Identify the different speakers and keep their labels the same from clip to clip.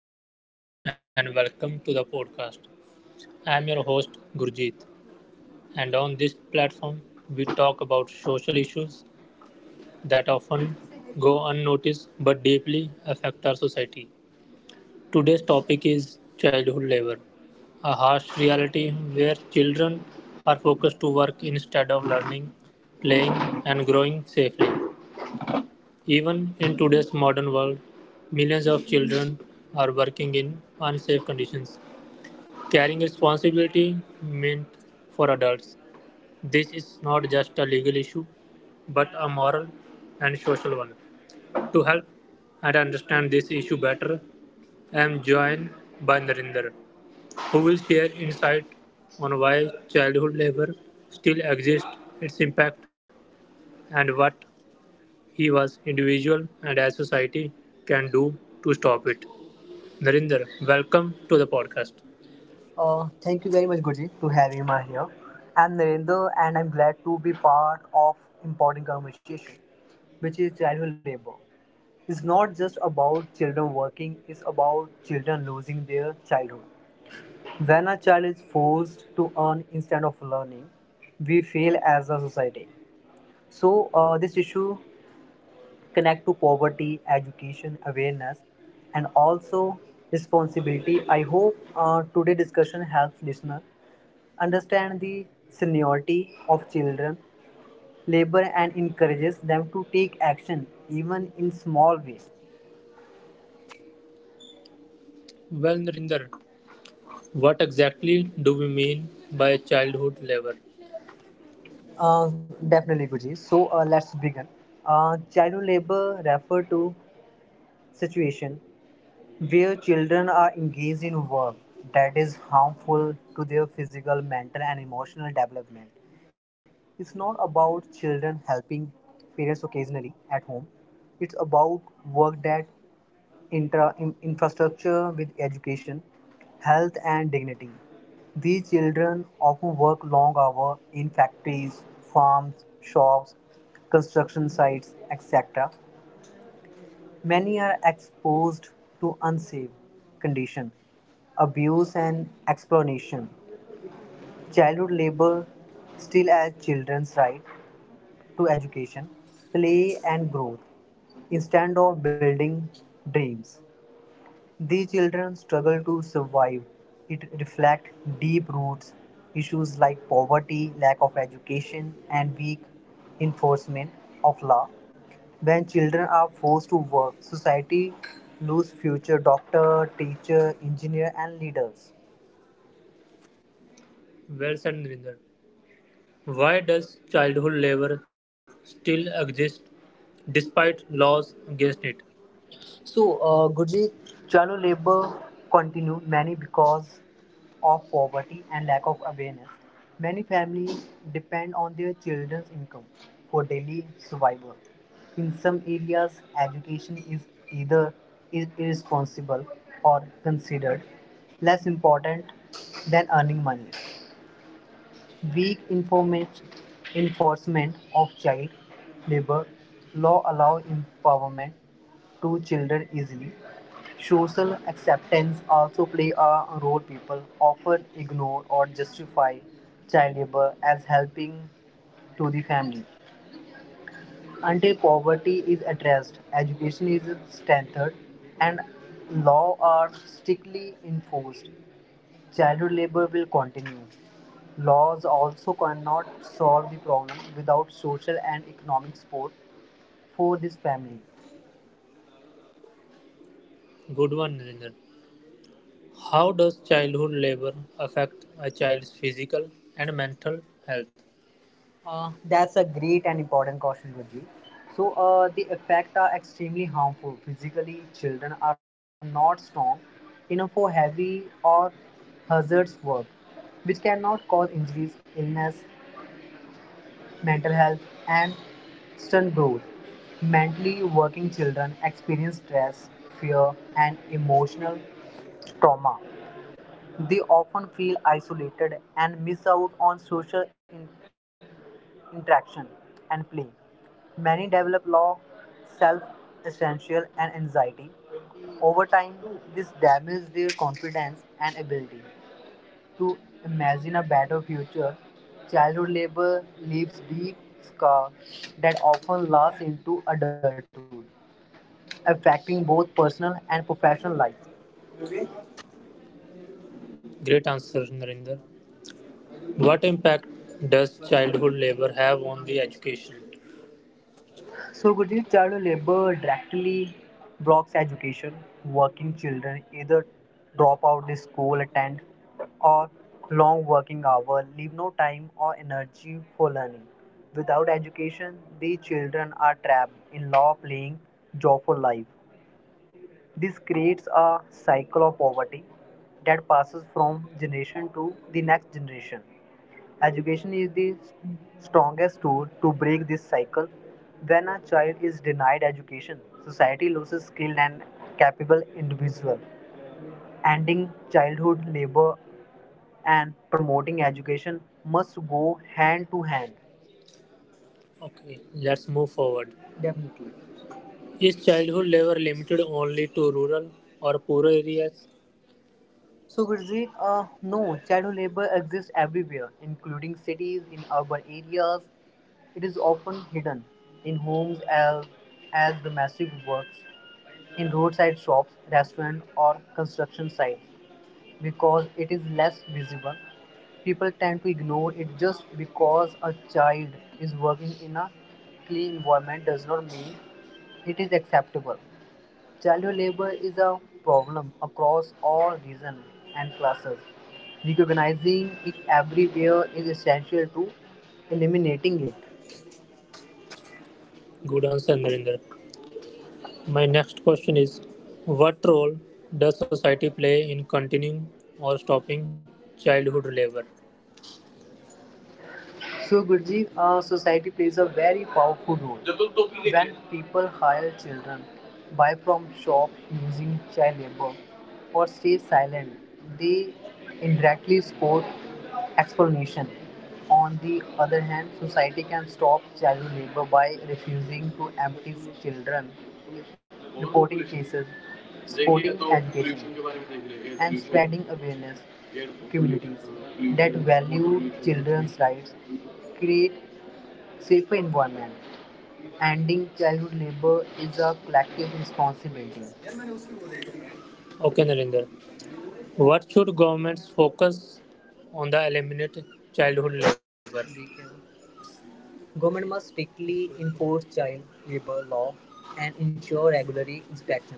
Speaker 1: everyone, and welcome to the podcast. I am your host, Gurjeet, and on this platform, we talk about social issues that often go unnoticed but deeply affect our society. Today's topic is childhood labor, a harsh reality where children are focused to work instead of learning, playing, and growing safely. Even in today's modern world, millions of children are working in unsafe conditions carrying responsibility meant for adults. This is not just a legal issue, but a moral and social one. To help and understand this issue better, I am joined by Narinder, who will share insight on why childhood labor still exists, its impact, and what he was individual and as society can do to stop it. Narinder, welcome to the podcast. Thank you very much, Gurji, to having me here. I'm Narendra, and I'm glad to be part of important conversation, which is childhood labor. It's not just about children working; it's about children losing their childhood. When a child is forced to earn instead of learning, we fail as a society. So this issue connect to poverty, education, awareness, and also responsibility. I hope today discussion helps listener understand the seniority of children labor and encourages them to take action even in small ways. Well, Narinder, what exactly do we mean by childhood labor? Definitely, Guji. So let's begin. Child labor refer to situation where children are engaged in work that is harmful to their physical, mental, and emotional development. It's not about children helping parents occasionally at home, it's about work that infrastructure with education, health, and dignity. These children often work long hours in factories, farms, shops, construction sites, etc. Many are exposed to unsafe conditions, abuse and exploitation. Childhood labor still as children's right to education, play and growth instead of building dreams. These children struggle to survive. It reflects deep roots issues like poverty, lack of education, and weak enforcement of law. When children are forced to work, society loses future doctors, teachers, engineers and leaders. Well said, Narinder. Why does childhood labor still exist despite laws against it? So, Gurjeet, Chalo labor continued many because of poverty and lack of awareness. Many families depend on their children's income for daily survival. In some areas, education is either irresponsible or considered less important than earning money. Weak enforcement of child labor law allows empowerment to children easily. Social acceptance also plays a role people often ignore or justify child labor as helping to the family. Until poverty is addressed, education is strengthened, and laws are strictly enforced, child labor will continue. Laws also cannot solve the problem without social and economic support for this family. Good one, Narendra. How does childhood labor affect a child's physical and mental health? That's a great and important caution, Gurjeet. So, the effects are extremely harmful. Physically, children are not strong enough for heavy or hazardous work, which cannot cause injuries, illness, mental health, and stunt growth. Mentally working children experience stress, fear, and emotional trauma they often feel isolated and miss out on social interaction and play. Many develop low self-essential and anxiety. Over time, this damages their confidence and ability to imagine a better future. Childhood labor leaves deep scars that often last into adulthood, affecting both personal and professional life. Great answer, Narinder. What impact does childhood labor have on the education? So, Gurjeet, child labor directly blocks education. Working children either drop out the school attend or long working hour leave no time or energy for learning. Without education, these children are trapped in law playing job for life. This creates a cycle of poverty that passes from generation to the next generation. Education is the strongest tool to break this cycle. When a child is denied education, society loses skilled and capable individual. Ending childhood labor and promoting education must go hand to hand. Okay, let's move forward. Definitely. Is childhood labor limited only to rural or poor areas? So, Gurjeet, no, child labor exists everywhere, including cities, in urban areas. It is often hidden in homes as domestic works in roadside shops, restaurants or construction sites. Because it is less visible, people tend to ignore it just because a child is working in a clean environment does not mean it is acceptable. Child labor is a problem across all regions and classes. Recognizing it everywhere is essential to eliminating it. Good answer, Narendra. My next question is what role does society play in continuing or stopping childhood labor? So, Gurjeev, society plays a very powerful role. When people hire children, buy from shops using child labor, or stay silent, they indirectly support exploitation. On the other hand, society can stop child labor by refusing to empty children reporting cases, supporting education, and spreading awareness communities that value children's rights, create safer environment. Ending childhood labor is a collective responsibility. Okay, Narinder. What should governments focus on the eliminate childhood labor? Government must strictly enforce child labour law and ensure regular inspection.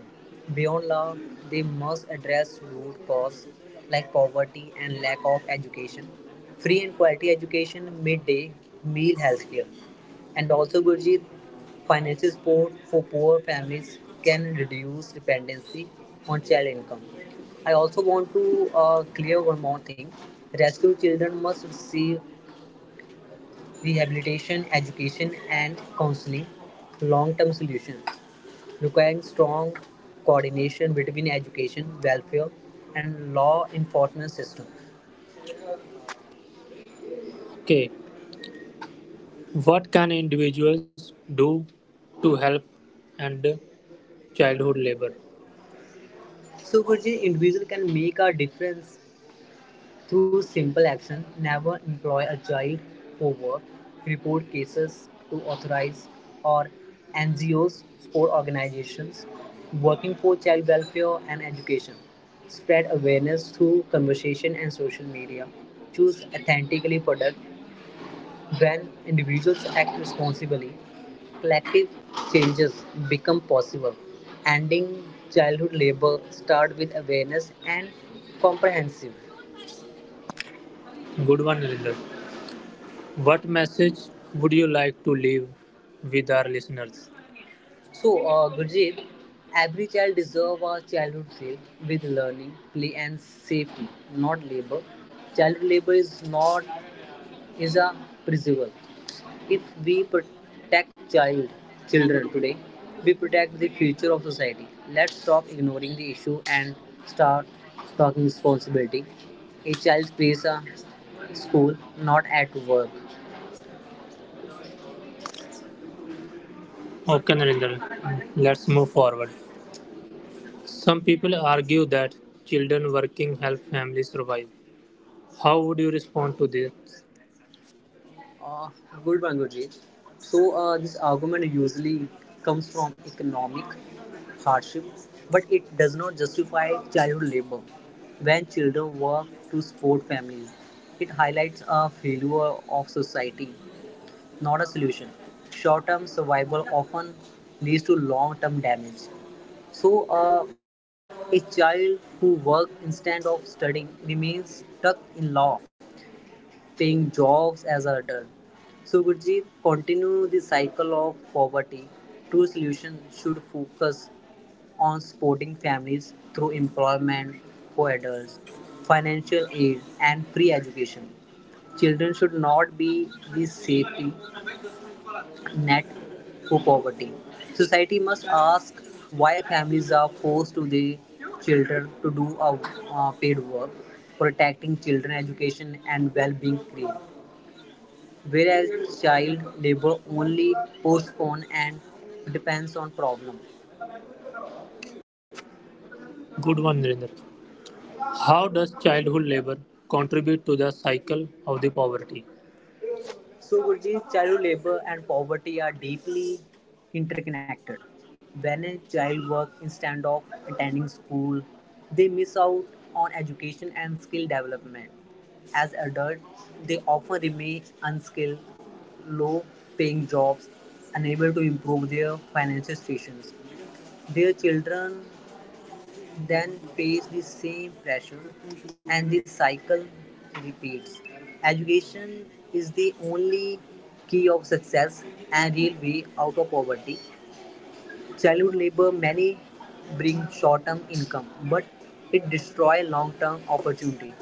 Speaker 1: Beyond law, they must address root causes like poverty and lack of education, free and quality education, midday meal healthcare. And also, Gurjeet, financial support for poor families can reduce dependency on child income. I also want to clear one more thing. Rescued children must receive rehabilitation, education and counseling long-term solutions, requiring strong coordination between education, welfare and law enforcement system. Okay, what can individuals do to help end childhood labor? So, Gurji, individual can make a difference through simple action, never employ a child for work, report cases to authorized or NGOs, sport organizations working for child welfare and education, spread awareness through conversation and social media, choose authentically product when individuals act responsibly, collective changes become possible. Ending childhood labor start with awareness and comprehensive. Good one, Narinder. What message would you like to leave with our listeners? So, Gurjit, every child deserves a childhood filled with learning, play, and safety, not labor. Child labor is not is a principle. If we protect children today, we protect the future of society. Let's stop ignoring the issue and start talking responsibility. A child plays a school, not at work. Okay, Narendra, let's move forward. Some people argue that children working help families survive. How would you respond to this? Uh, good one, Gurjeet. So this argument usually comes from economic hardship, but it does not justify childhood labor. When children work to support families, it highlights a failure of society, not a solution. Short-term survival often leads to long-term damage. So, a child who works instead of studying remains stuck in law paying jobs as an adult. So Gurjeet, continue the cycle of poverty. True solution should focus on supporting families through employment for adults, financial aid, and free education. Children should not be the safety net for poverty. Society must ask why families are forced to their children to do a paid work, protecting children education and well-being create. Whereas child labor only postpone and depends on problem. Good one, Narendra. How does childhood labor contribute to the cycle of the poverty? So, Gurjeet, child labor and poverty are deeply interconnected. When a child works instead of attending school, they miss out on education and skill development. As adults, they often remain unskilled, low paying jobs, unable to improve their financial situations. Their children then face the same pressure and the cycle repeats. Education is the only key of success and real way out of poverty. Childhood labor many bring short-term income, but it destroys long-term opportunity.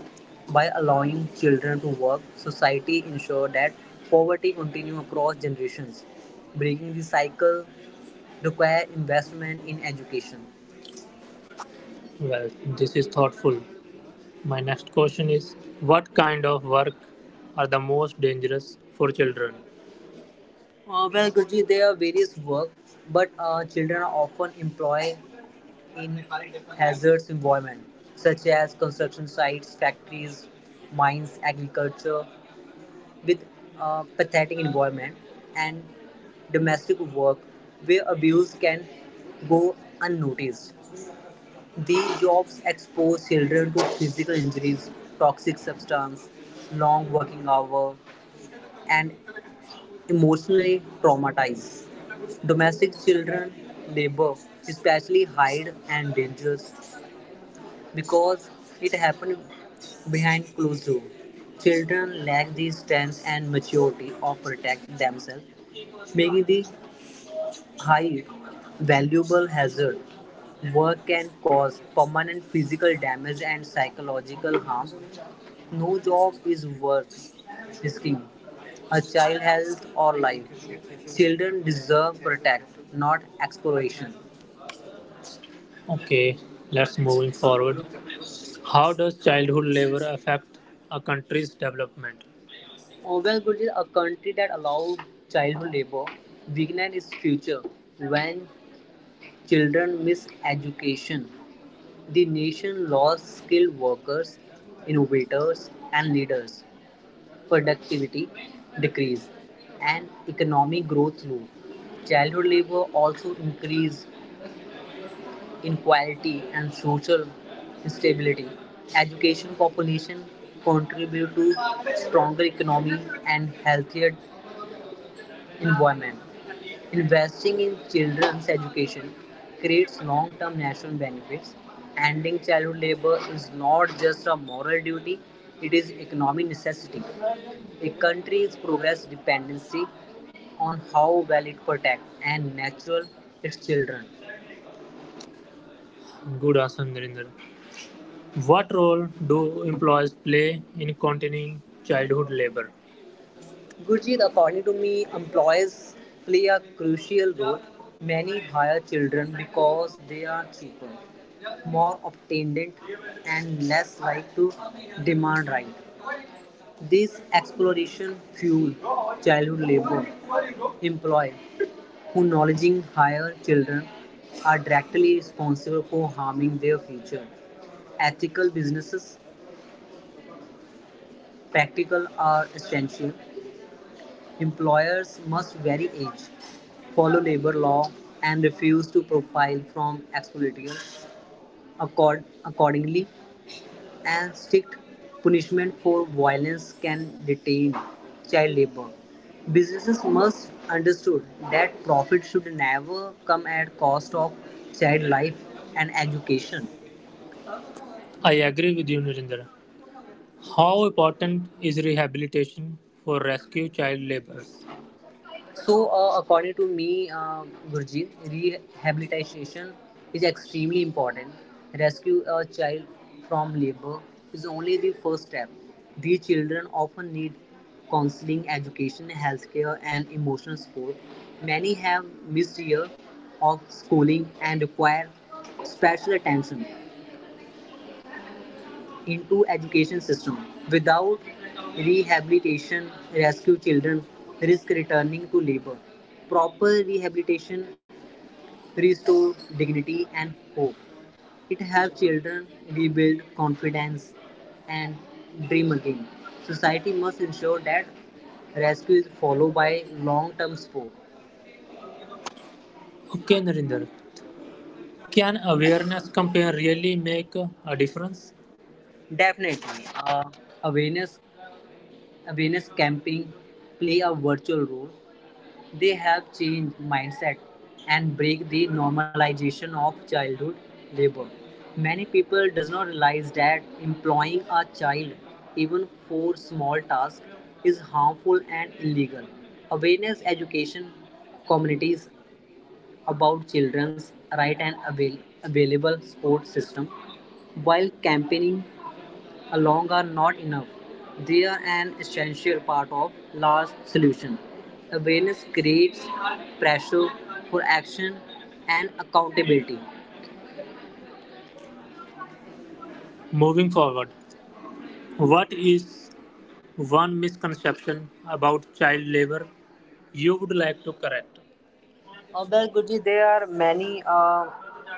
Speaker 1: By allowing children to work, society ensure that poverty continue across generations. Breaking the cycle require investment in education well, this is thoughtful. My next question is what kind of work are the most dangerous for children? Well, Guruji, there are various work, but children are often employed in hazardous environment, such as construction sites, factories, mines, agriculture, with pathetic environment and domestic work where abuse can go unnoticed. These jobs expose children to physical injuries, toxic substances, long working hours, and emotionally traumatize. Domestic children labor is especially hard and dangerous because it happens behind closed doors. Children lack the strength and maturity to protect themselves, making the high valuable hazard work can cause permanent physical damage and psychological harm. No job is worth risking a child's health or life. Children deserve protect, not exploration. Okay, let's moving forward. How does childhood labor affect a country's development? Oh, well, Gurjit, a country that allows childhood labor weakens its future. When children miss education. The nation lost skilled workers, innovators, and leaders. Productivity decreased and economic growth low. Childhood labor also increased inequality and social instability. Education population contribute to stronger economy and healthier environment: investing in children's education creates long-term national benefits. Ending child labor is not just a moral duty, it is economic necessity. A country's progress depends on how well it protects and nurtures its children. Good answer, Narendra. What role do employers play in containing childhood labor? Gurjeet, according to me, employers play a crucial role. Many hire children because they are cheaper, more obtainant, and less like to demand right. This exploration fuel childhood labor. Employer who knowledging hire children are directly responsible for harming their future. Ethical businesses practical are essential. Employers must vary age, follow labor law, and refuse to profile from ex-politics accordingly, and strict punishment for violence can detain child labor. Businesses must understood that profit should never come at cost of child life and education. I agree with you, Narendra. How important is rehabilitation for rescue child laborers? According to me, Gurjeet, rehabilitation is extremely important. Rescue a child from labor is only the first step. These children often need counseling, education, healthcare, and emotional support. Many have missed years of schooling and require special attention into education system. Without rehabilitation, rescue children risk returning to labor. Proper rehabilitation restore dignity and hope. It helps children rebuild confidence and dream again. Society must ensure that rescue is followed by long-term support. Okay, Narinder, can awareness campaign really make a difference? Definitely, awareness awareness campaigns play a virtual role. They help change mindset and break the normalization of childhood labor. Many people does not realize that employing a child even for small tasks is harmful and illegal. Awareness education communities about children's right and available support system while campaigning alone are not enough; they are an essential part of large solution. Awareness creates pressure for action and accountability. Moving forward, what is one misconception about child labor you would like to correct? Well, Gurji, there are many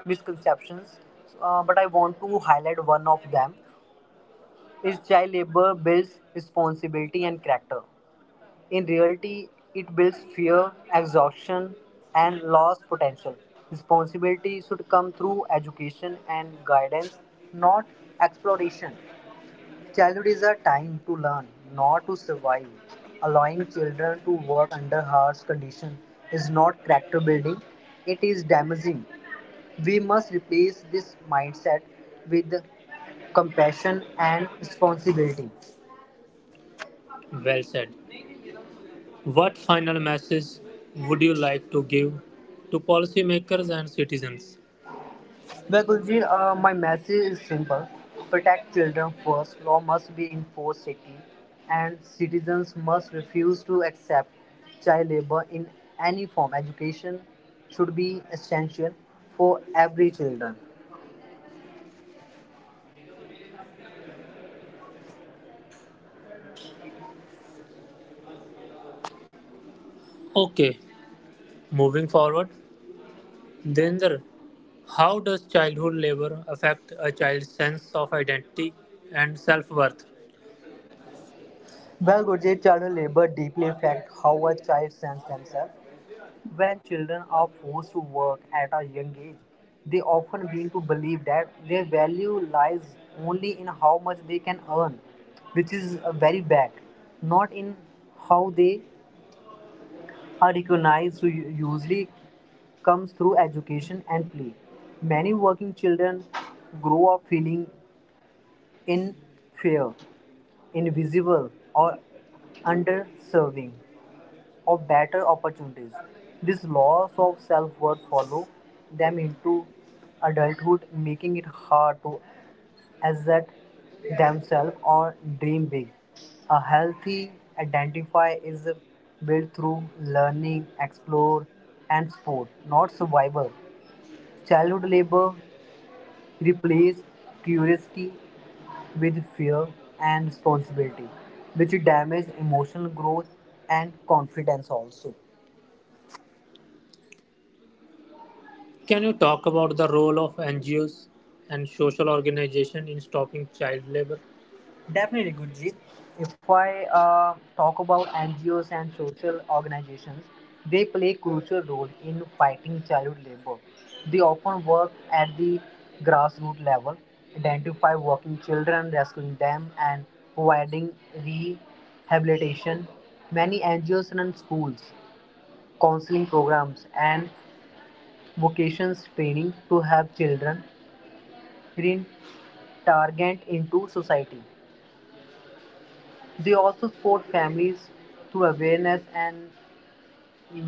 Speaker 1: misconceptions, but I want to highlight one of them. Is child labor builds responsibility and character. In reality, it builds fear, exhaustion, and lost potential. Responsibility should come through education and guidance, not exploration. Childhood is a time to learn, not to survive. Allowing children to work under harsh conditions is not character building, it is damaging. We must replace this mindset with compassion and responsibility. Well said. What final message would you like to give to policymakers and citizens? Bakulji, my message is simple. Protect children first. Law must be enforced strictly, and citizens must refuse to accept child labor in any form. Education should be essential for every children. Okay, moving forward. Dinder, how does childhood labor affect a child's sense of identity and self worth? While Gurdjieff childhood labour deeply affects how a child sees themselves, when children are forced to work at a young age, they often begin to believe that their value lies only in how much they can earn, which is very bad, not in how they are recognized, so usually comes through education and play. Many working children grow up feeling inferior, invisible, or underserving of better opportunities. This loss of self-worth follows them into adulthood, making it hard to assert themselves or dream big. A healthy identify is built through learning, explore, and sport, not survival. Childhood labor replaces curiosity with fear and responsibility, which damage emotional growth and confidence also. Can you talk about the role of NGOs and social organization in stopping child labor? Definitely, Gurjeet. If I talk about NGOs and social organizations, they play crucial role in fighting child labor. They often work at the grassroots level, identify working children, rescuing them, and providing rehabilitation. Many NGOs run schools, counseling programs, and vocations training to help children reintegrate into society. They also support families through awareness and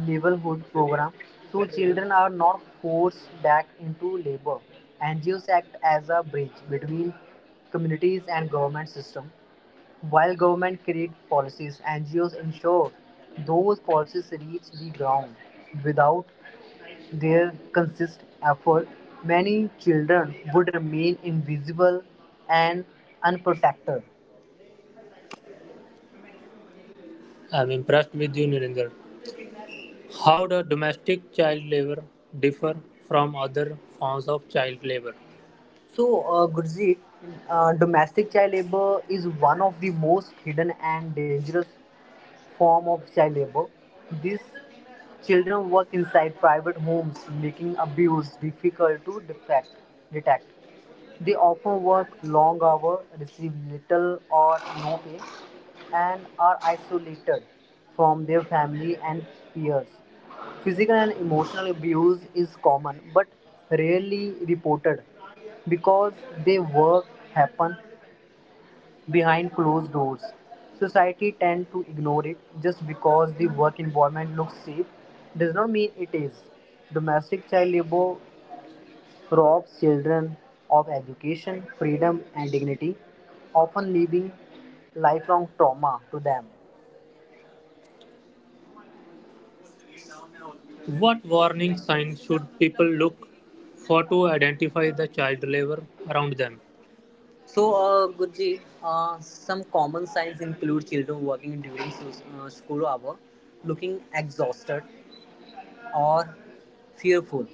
Speaker 1: livelihood program so children are not forced back into labor. NGOs act as a bridge between communities and government system. While government create policies, NGOs ensure those policies reach the ground. Without their consistent effort, many children would remain invisible and unprotected. I'm impressed with you, Nirinder. How does domestic child labor differ from other forms of child labor? Gurjeet, domestic child labor is one of the most hidden and dangerous form of child labor. These children work inside private homes, making abuse difficult to detect. They often work long hours, receive little or no pay, and are isolated from their family and peers. Physical and emotional abuse is common but rarely reported because their work happen behind closed doors. Society tend to ignore it just because the work environment looks safe does not mean it is. Domestic child labor robs children of education, freedom, and dignity, often leaving lifelong trauma to them. What warning signs should people look for to identify the child labor around them? Gurji, some common signs include children working during school hour, looking exhausted, or fearful,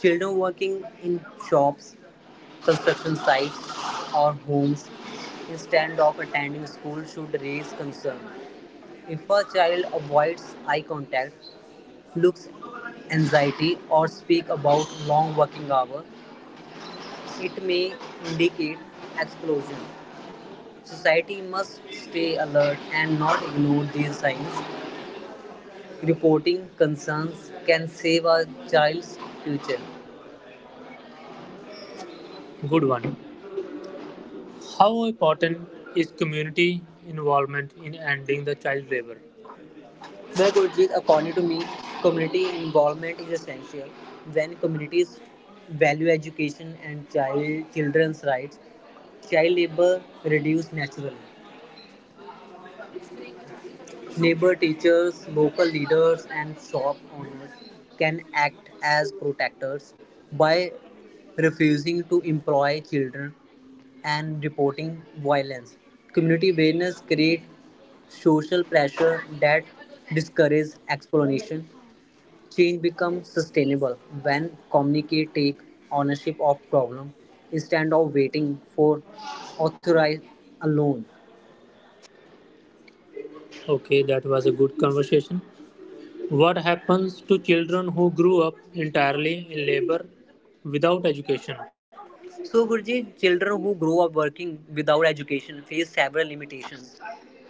Speaker 1: children working in shops, construction sites, or homes instead of attending school should raise concern. If a child avoids eye contact, looks anxiety, or speak about long working hours, it may indicate explosion. Society must stay alert and not ignore these signs. Reporting concerns can save a child's future. Good one. How important is community involvement in ending the child labor? My good Gurjeet, according to me, community involvement is essential. When communities value education and children's rights, child labor reduces naturally. Neighbor teachers, local leaders, and shop owners can act as protectors by refusing to employ children and reporting violence. Community awareness creates social pressure that discourages exploitation. Change becomes sustainable when community take ownership of problem instead of waiting for authority alone. Okay, that was a good conversation. What happens to children who grew up entirely in labor without education? So, Guruji, children who grow up working without education face several limitations.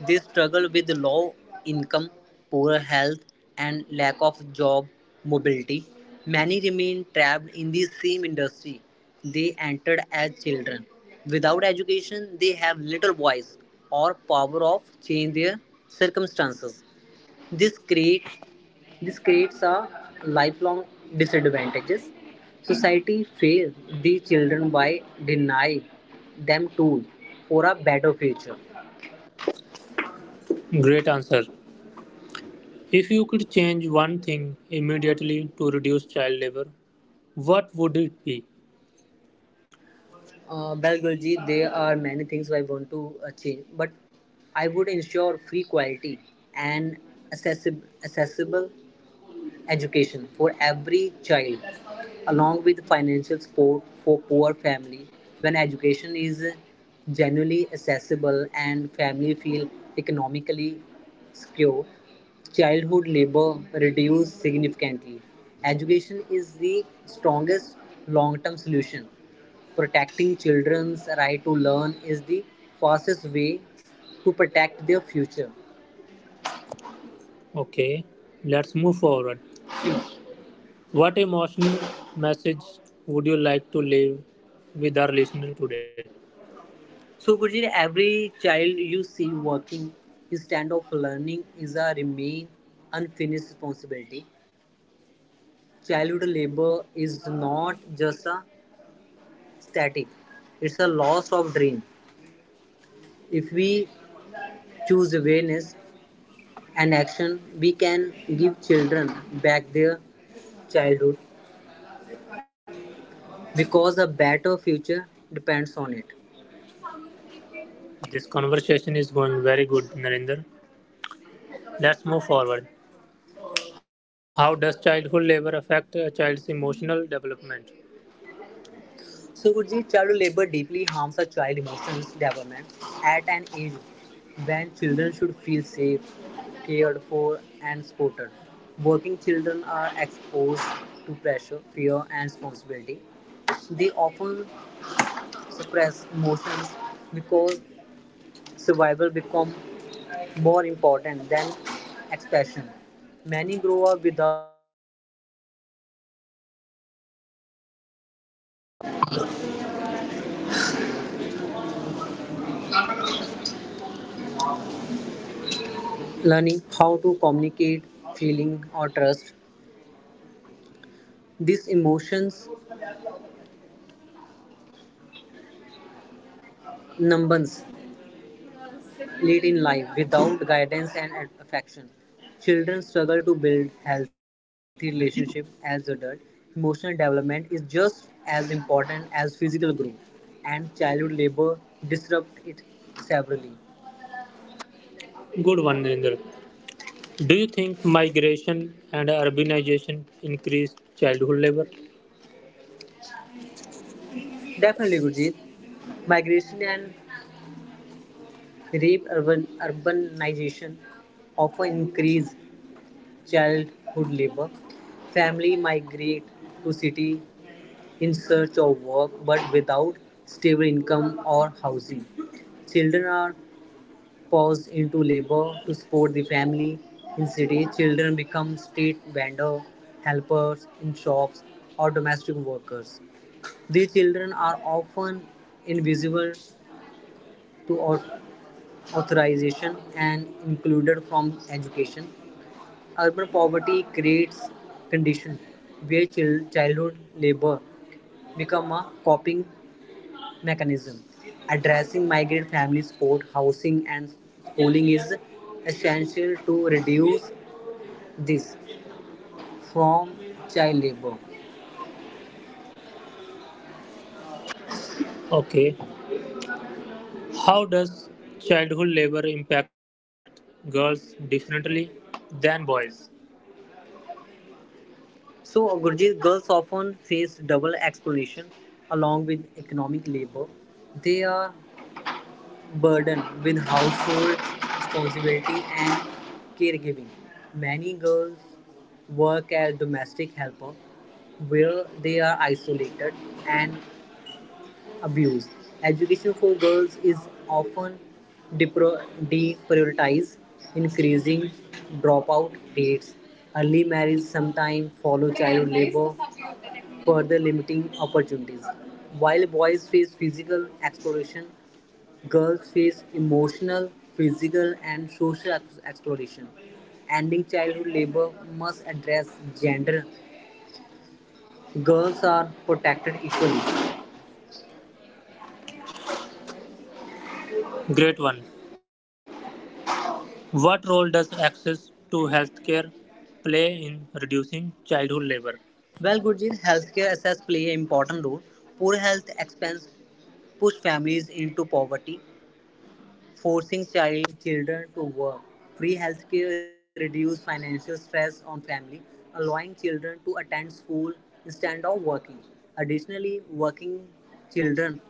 Speaker 1: They struggle with low income, poor health, and lack of job mobility. Many remain trapped in the same industry they entered as children. Without education, they have little voice or power of change their circumstances. This creates this creates a lifelong disadvantages. Society fails these children by denying them tools for a better future. Great answer. If you could change one thing immediately to reduce child labor, what would it be? Well, Gurjeet, there are many things I want to change, but I would ensure free quality and accessible education for every child, along with financial support for poor family. When education is genuinely accessible and family feel economically secure, childhood labor reduced significantly. Education is the strongest long-term solution. Protecting children's right to learn is the fastest way to protect their future. Okay, let's move forward. What emotional message would you like to leave with our listener today? So, Gurjit, every child you see working instead of learning is a remain unfinished responsibility. Childhood labor is not just a static; it's a loss of dream. If we choose awareness and action, we can give children back their childhood because a better future depends on it. This conversation is going very good, Narinder. Let's move forward. How does childhood labor affect a child's emotional development? So, Gurjeet, child labor deeply harms a child's emotions development at an age when children should feel safe, cared for, and supported. Working children are exposed to pressure, fear, and responsibility. They often suppress emotions because survival becomes more important than expression. Many grow up without.
Speaker 2: Learning how to communicate feeling or trust these emotions numbers late in life without guidance and affection. Children struggle to build healthy relationship as adults. Emotional development is just as important as physical growth, and childhood labor disrupt it severely. Good one, Narendra. Do you think migration and urbanization increase childhood labor? Definitely, Gurjeet. Migration and rapid urbanization often increases childhood labor. Families migrate to cities in search of work but without stable income or housing. Children are forced into labor to support the family. In cities, children become street vendor, helpers in shops, or domestic workers. These children are often invisible to authorization and included from education. Urban poverty creates condition where childhood labor become a coping mechanism. Addressing migrant family support, housing, and schooling is essential to reduce this from child labor. Okay, how does childhood labor impact girls differently than boys? So, Gurjit, girls often face double exploitation along with economic labor. They are burdened with household responsibility and caregiving. Many girls work as domestic helper where they are isolated and abuse. Education for girls is often depro- deprioritized, increasing dropout rates, early marriage sometimes follow child labor, further limiting opportunities. While boys face physical exploration, girls face emotional, physical, and social exploration. Ending childhood labor must address gender. Girls are protected equally. Great one. What role does access to healthcare play in reducing childhood labor? Well, Gurjit, healthcare access play an important role. Poor health expense push families into poverty, forcing children to work. Free healthcare reduce financial stress on family, allowing children to attend school instead of working. Additionally, working children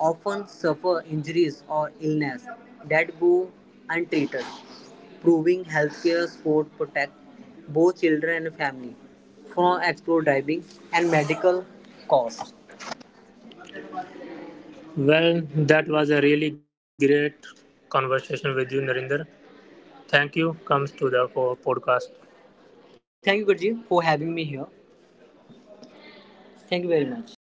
Speaker 2: often suffer injuries or illness that go untreated, proving healthcare support protect both children and family from explore diving and medical costs. Well, that was a really great conversation with you, Narinder. Thank you. Comes to the podcast. Thank you, Gurji, for having me here. Thank you very much.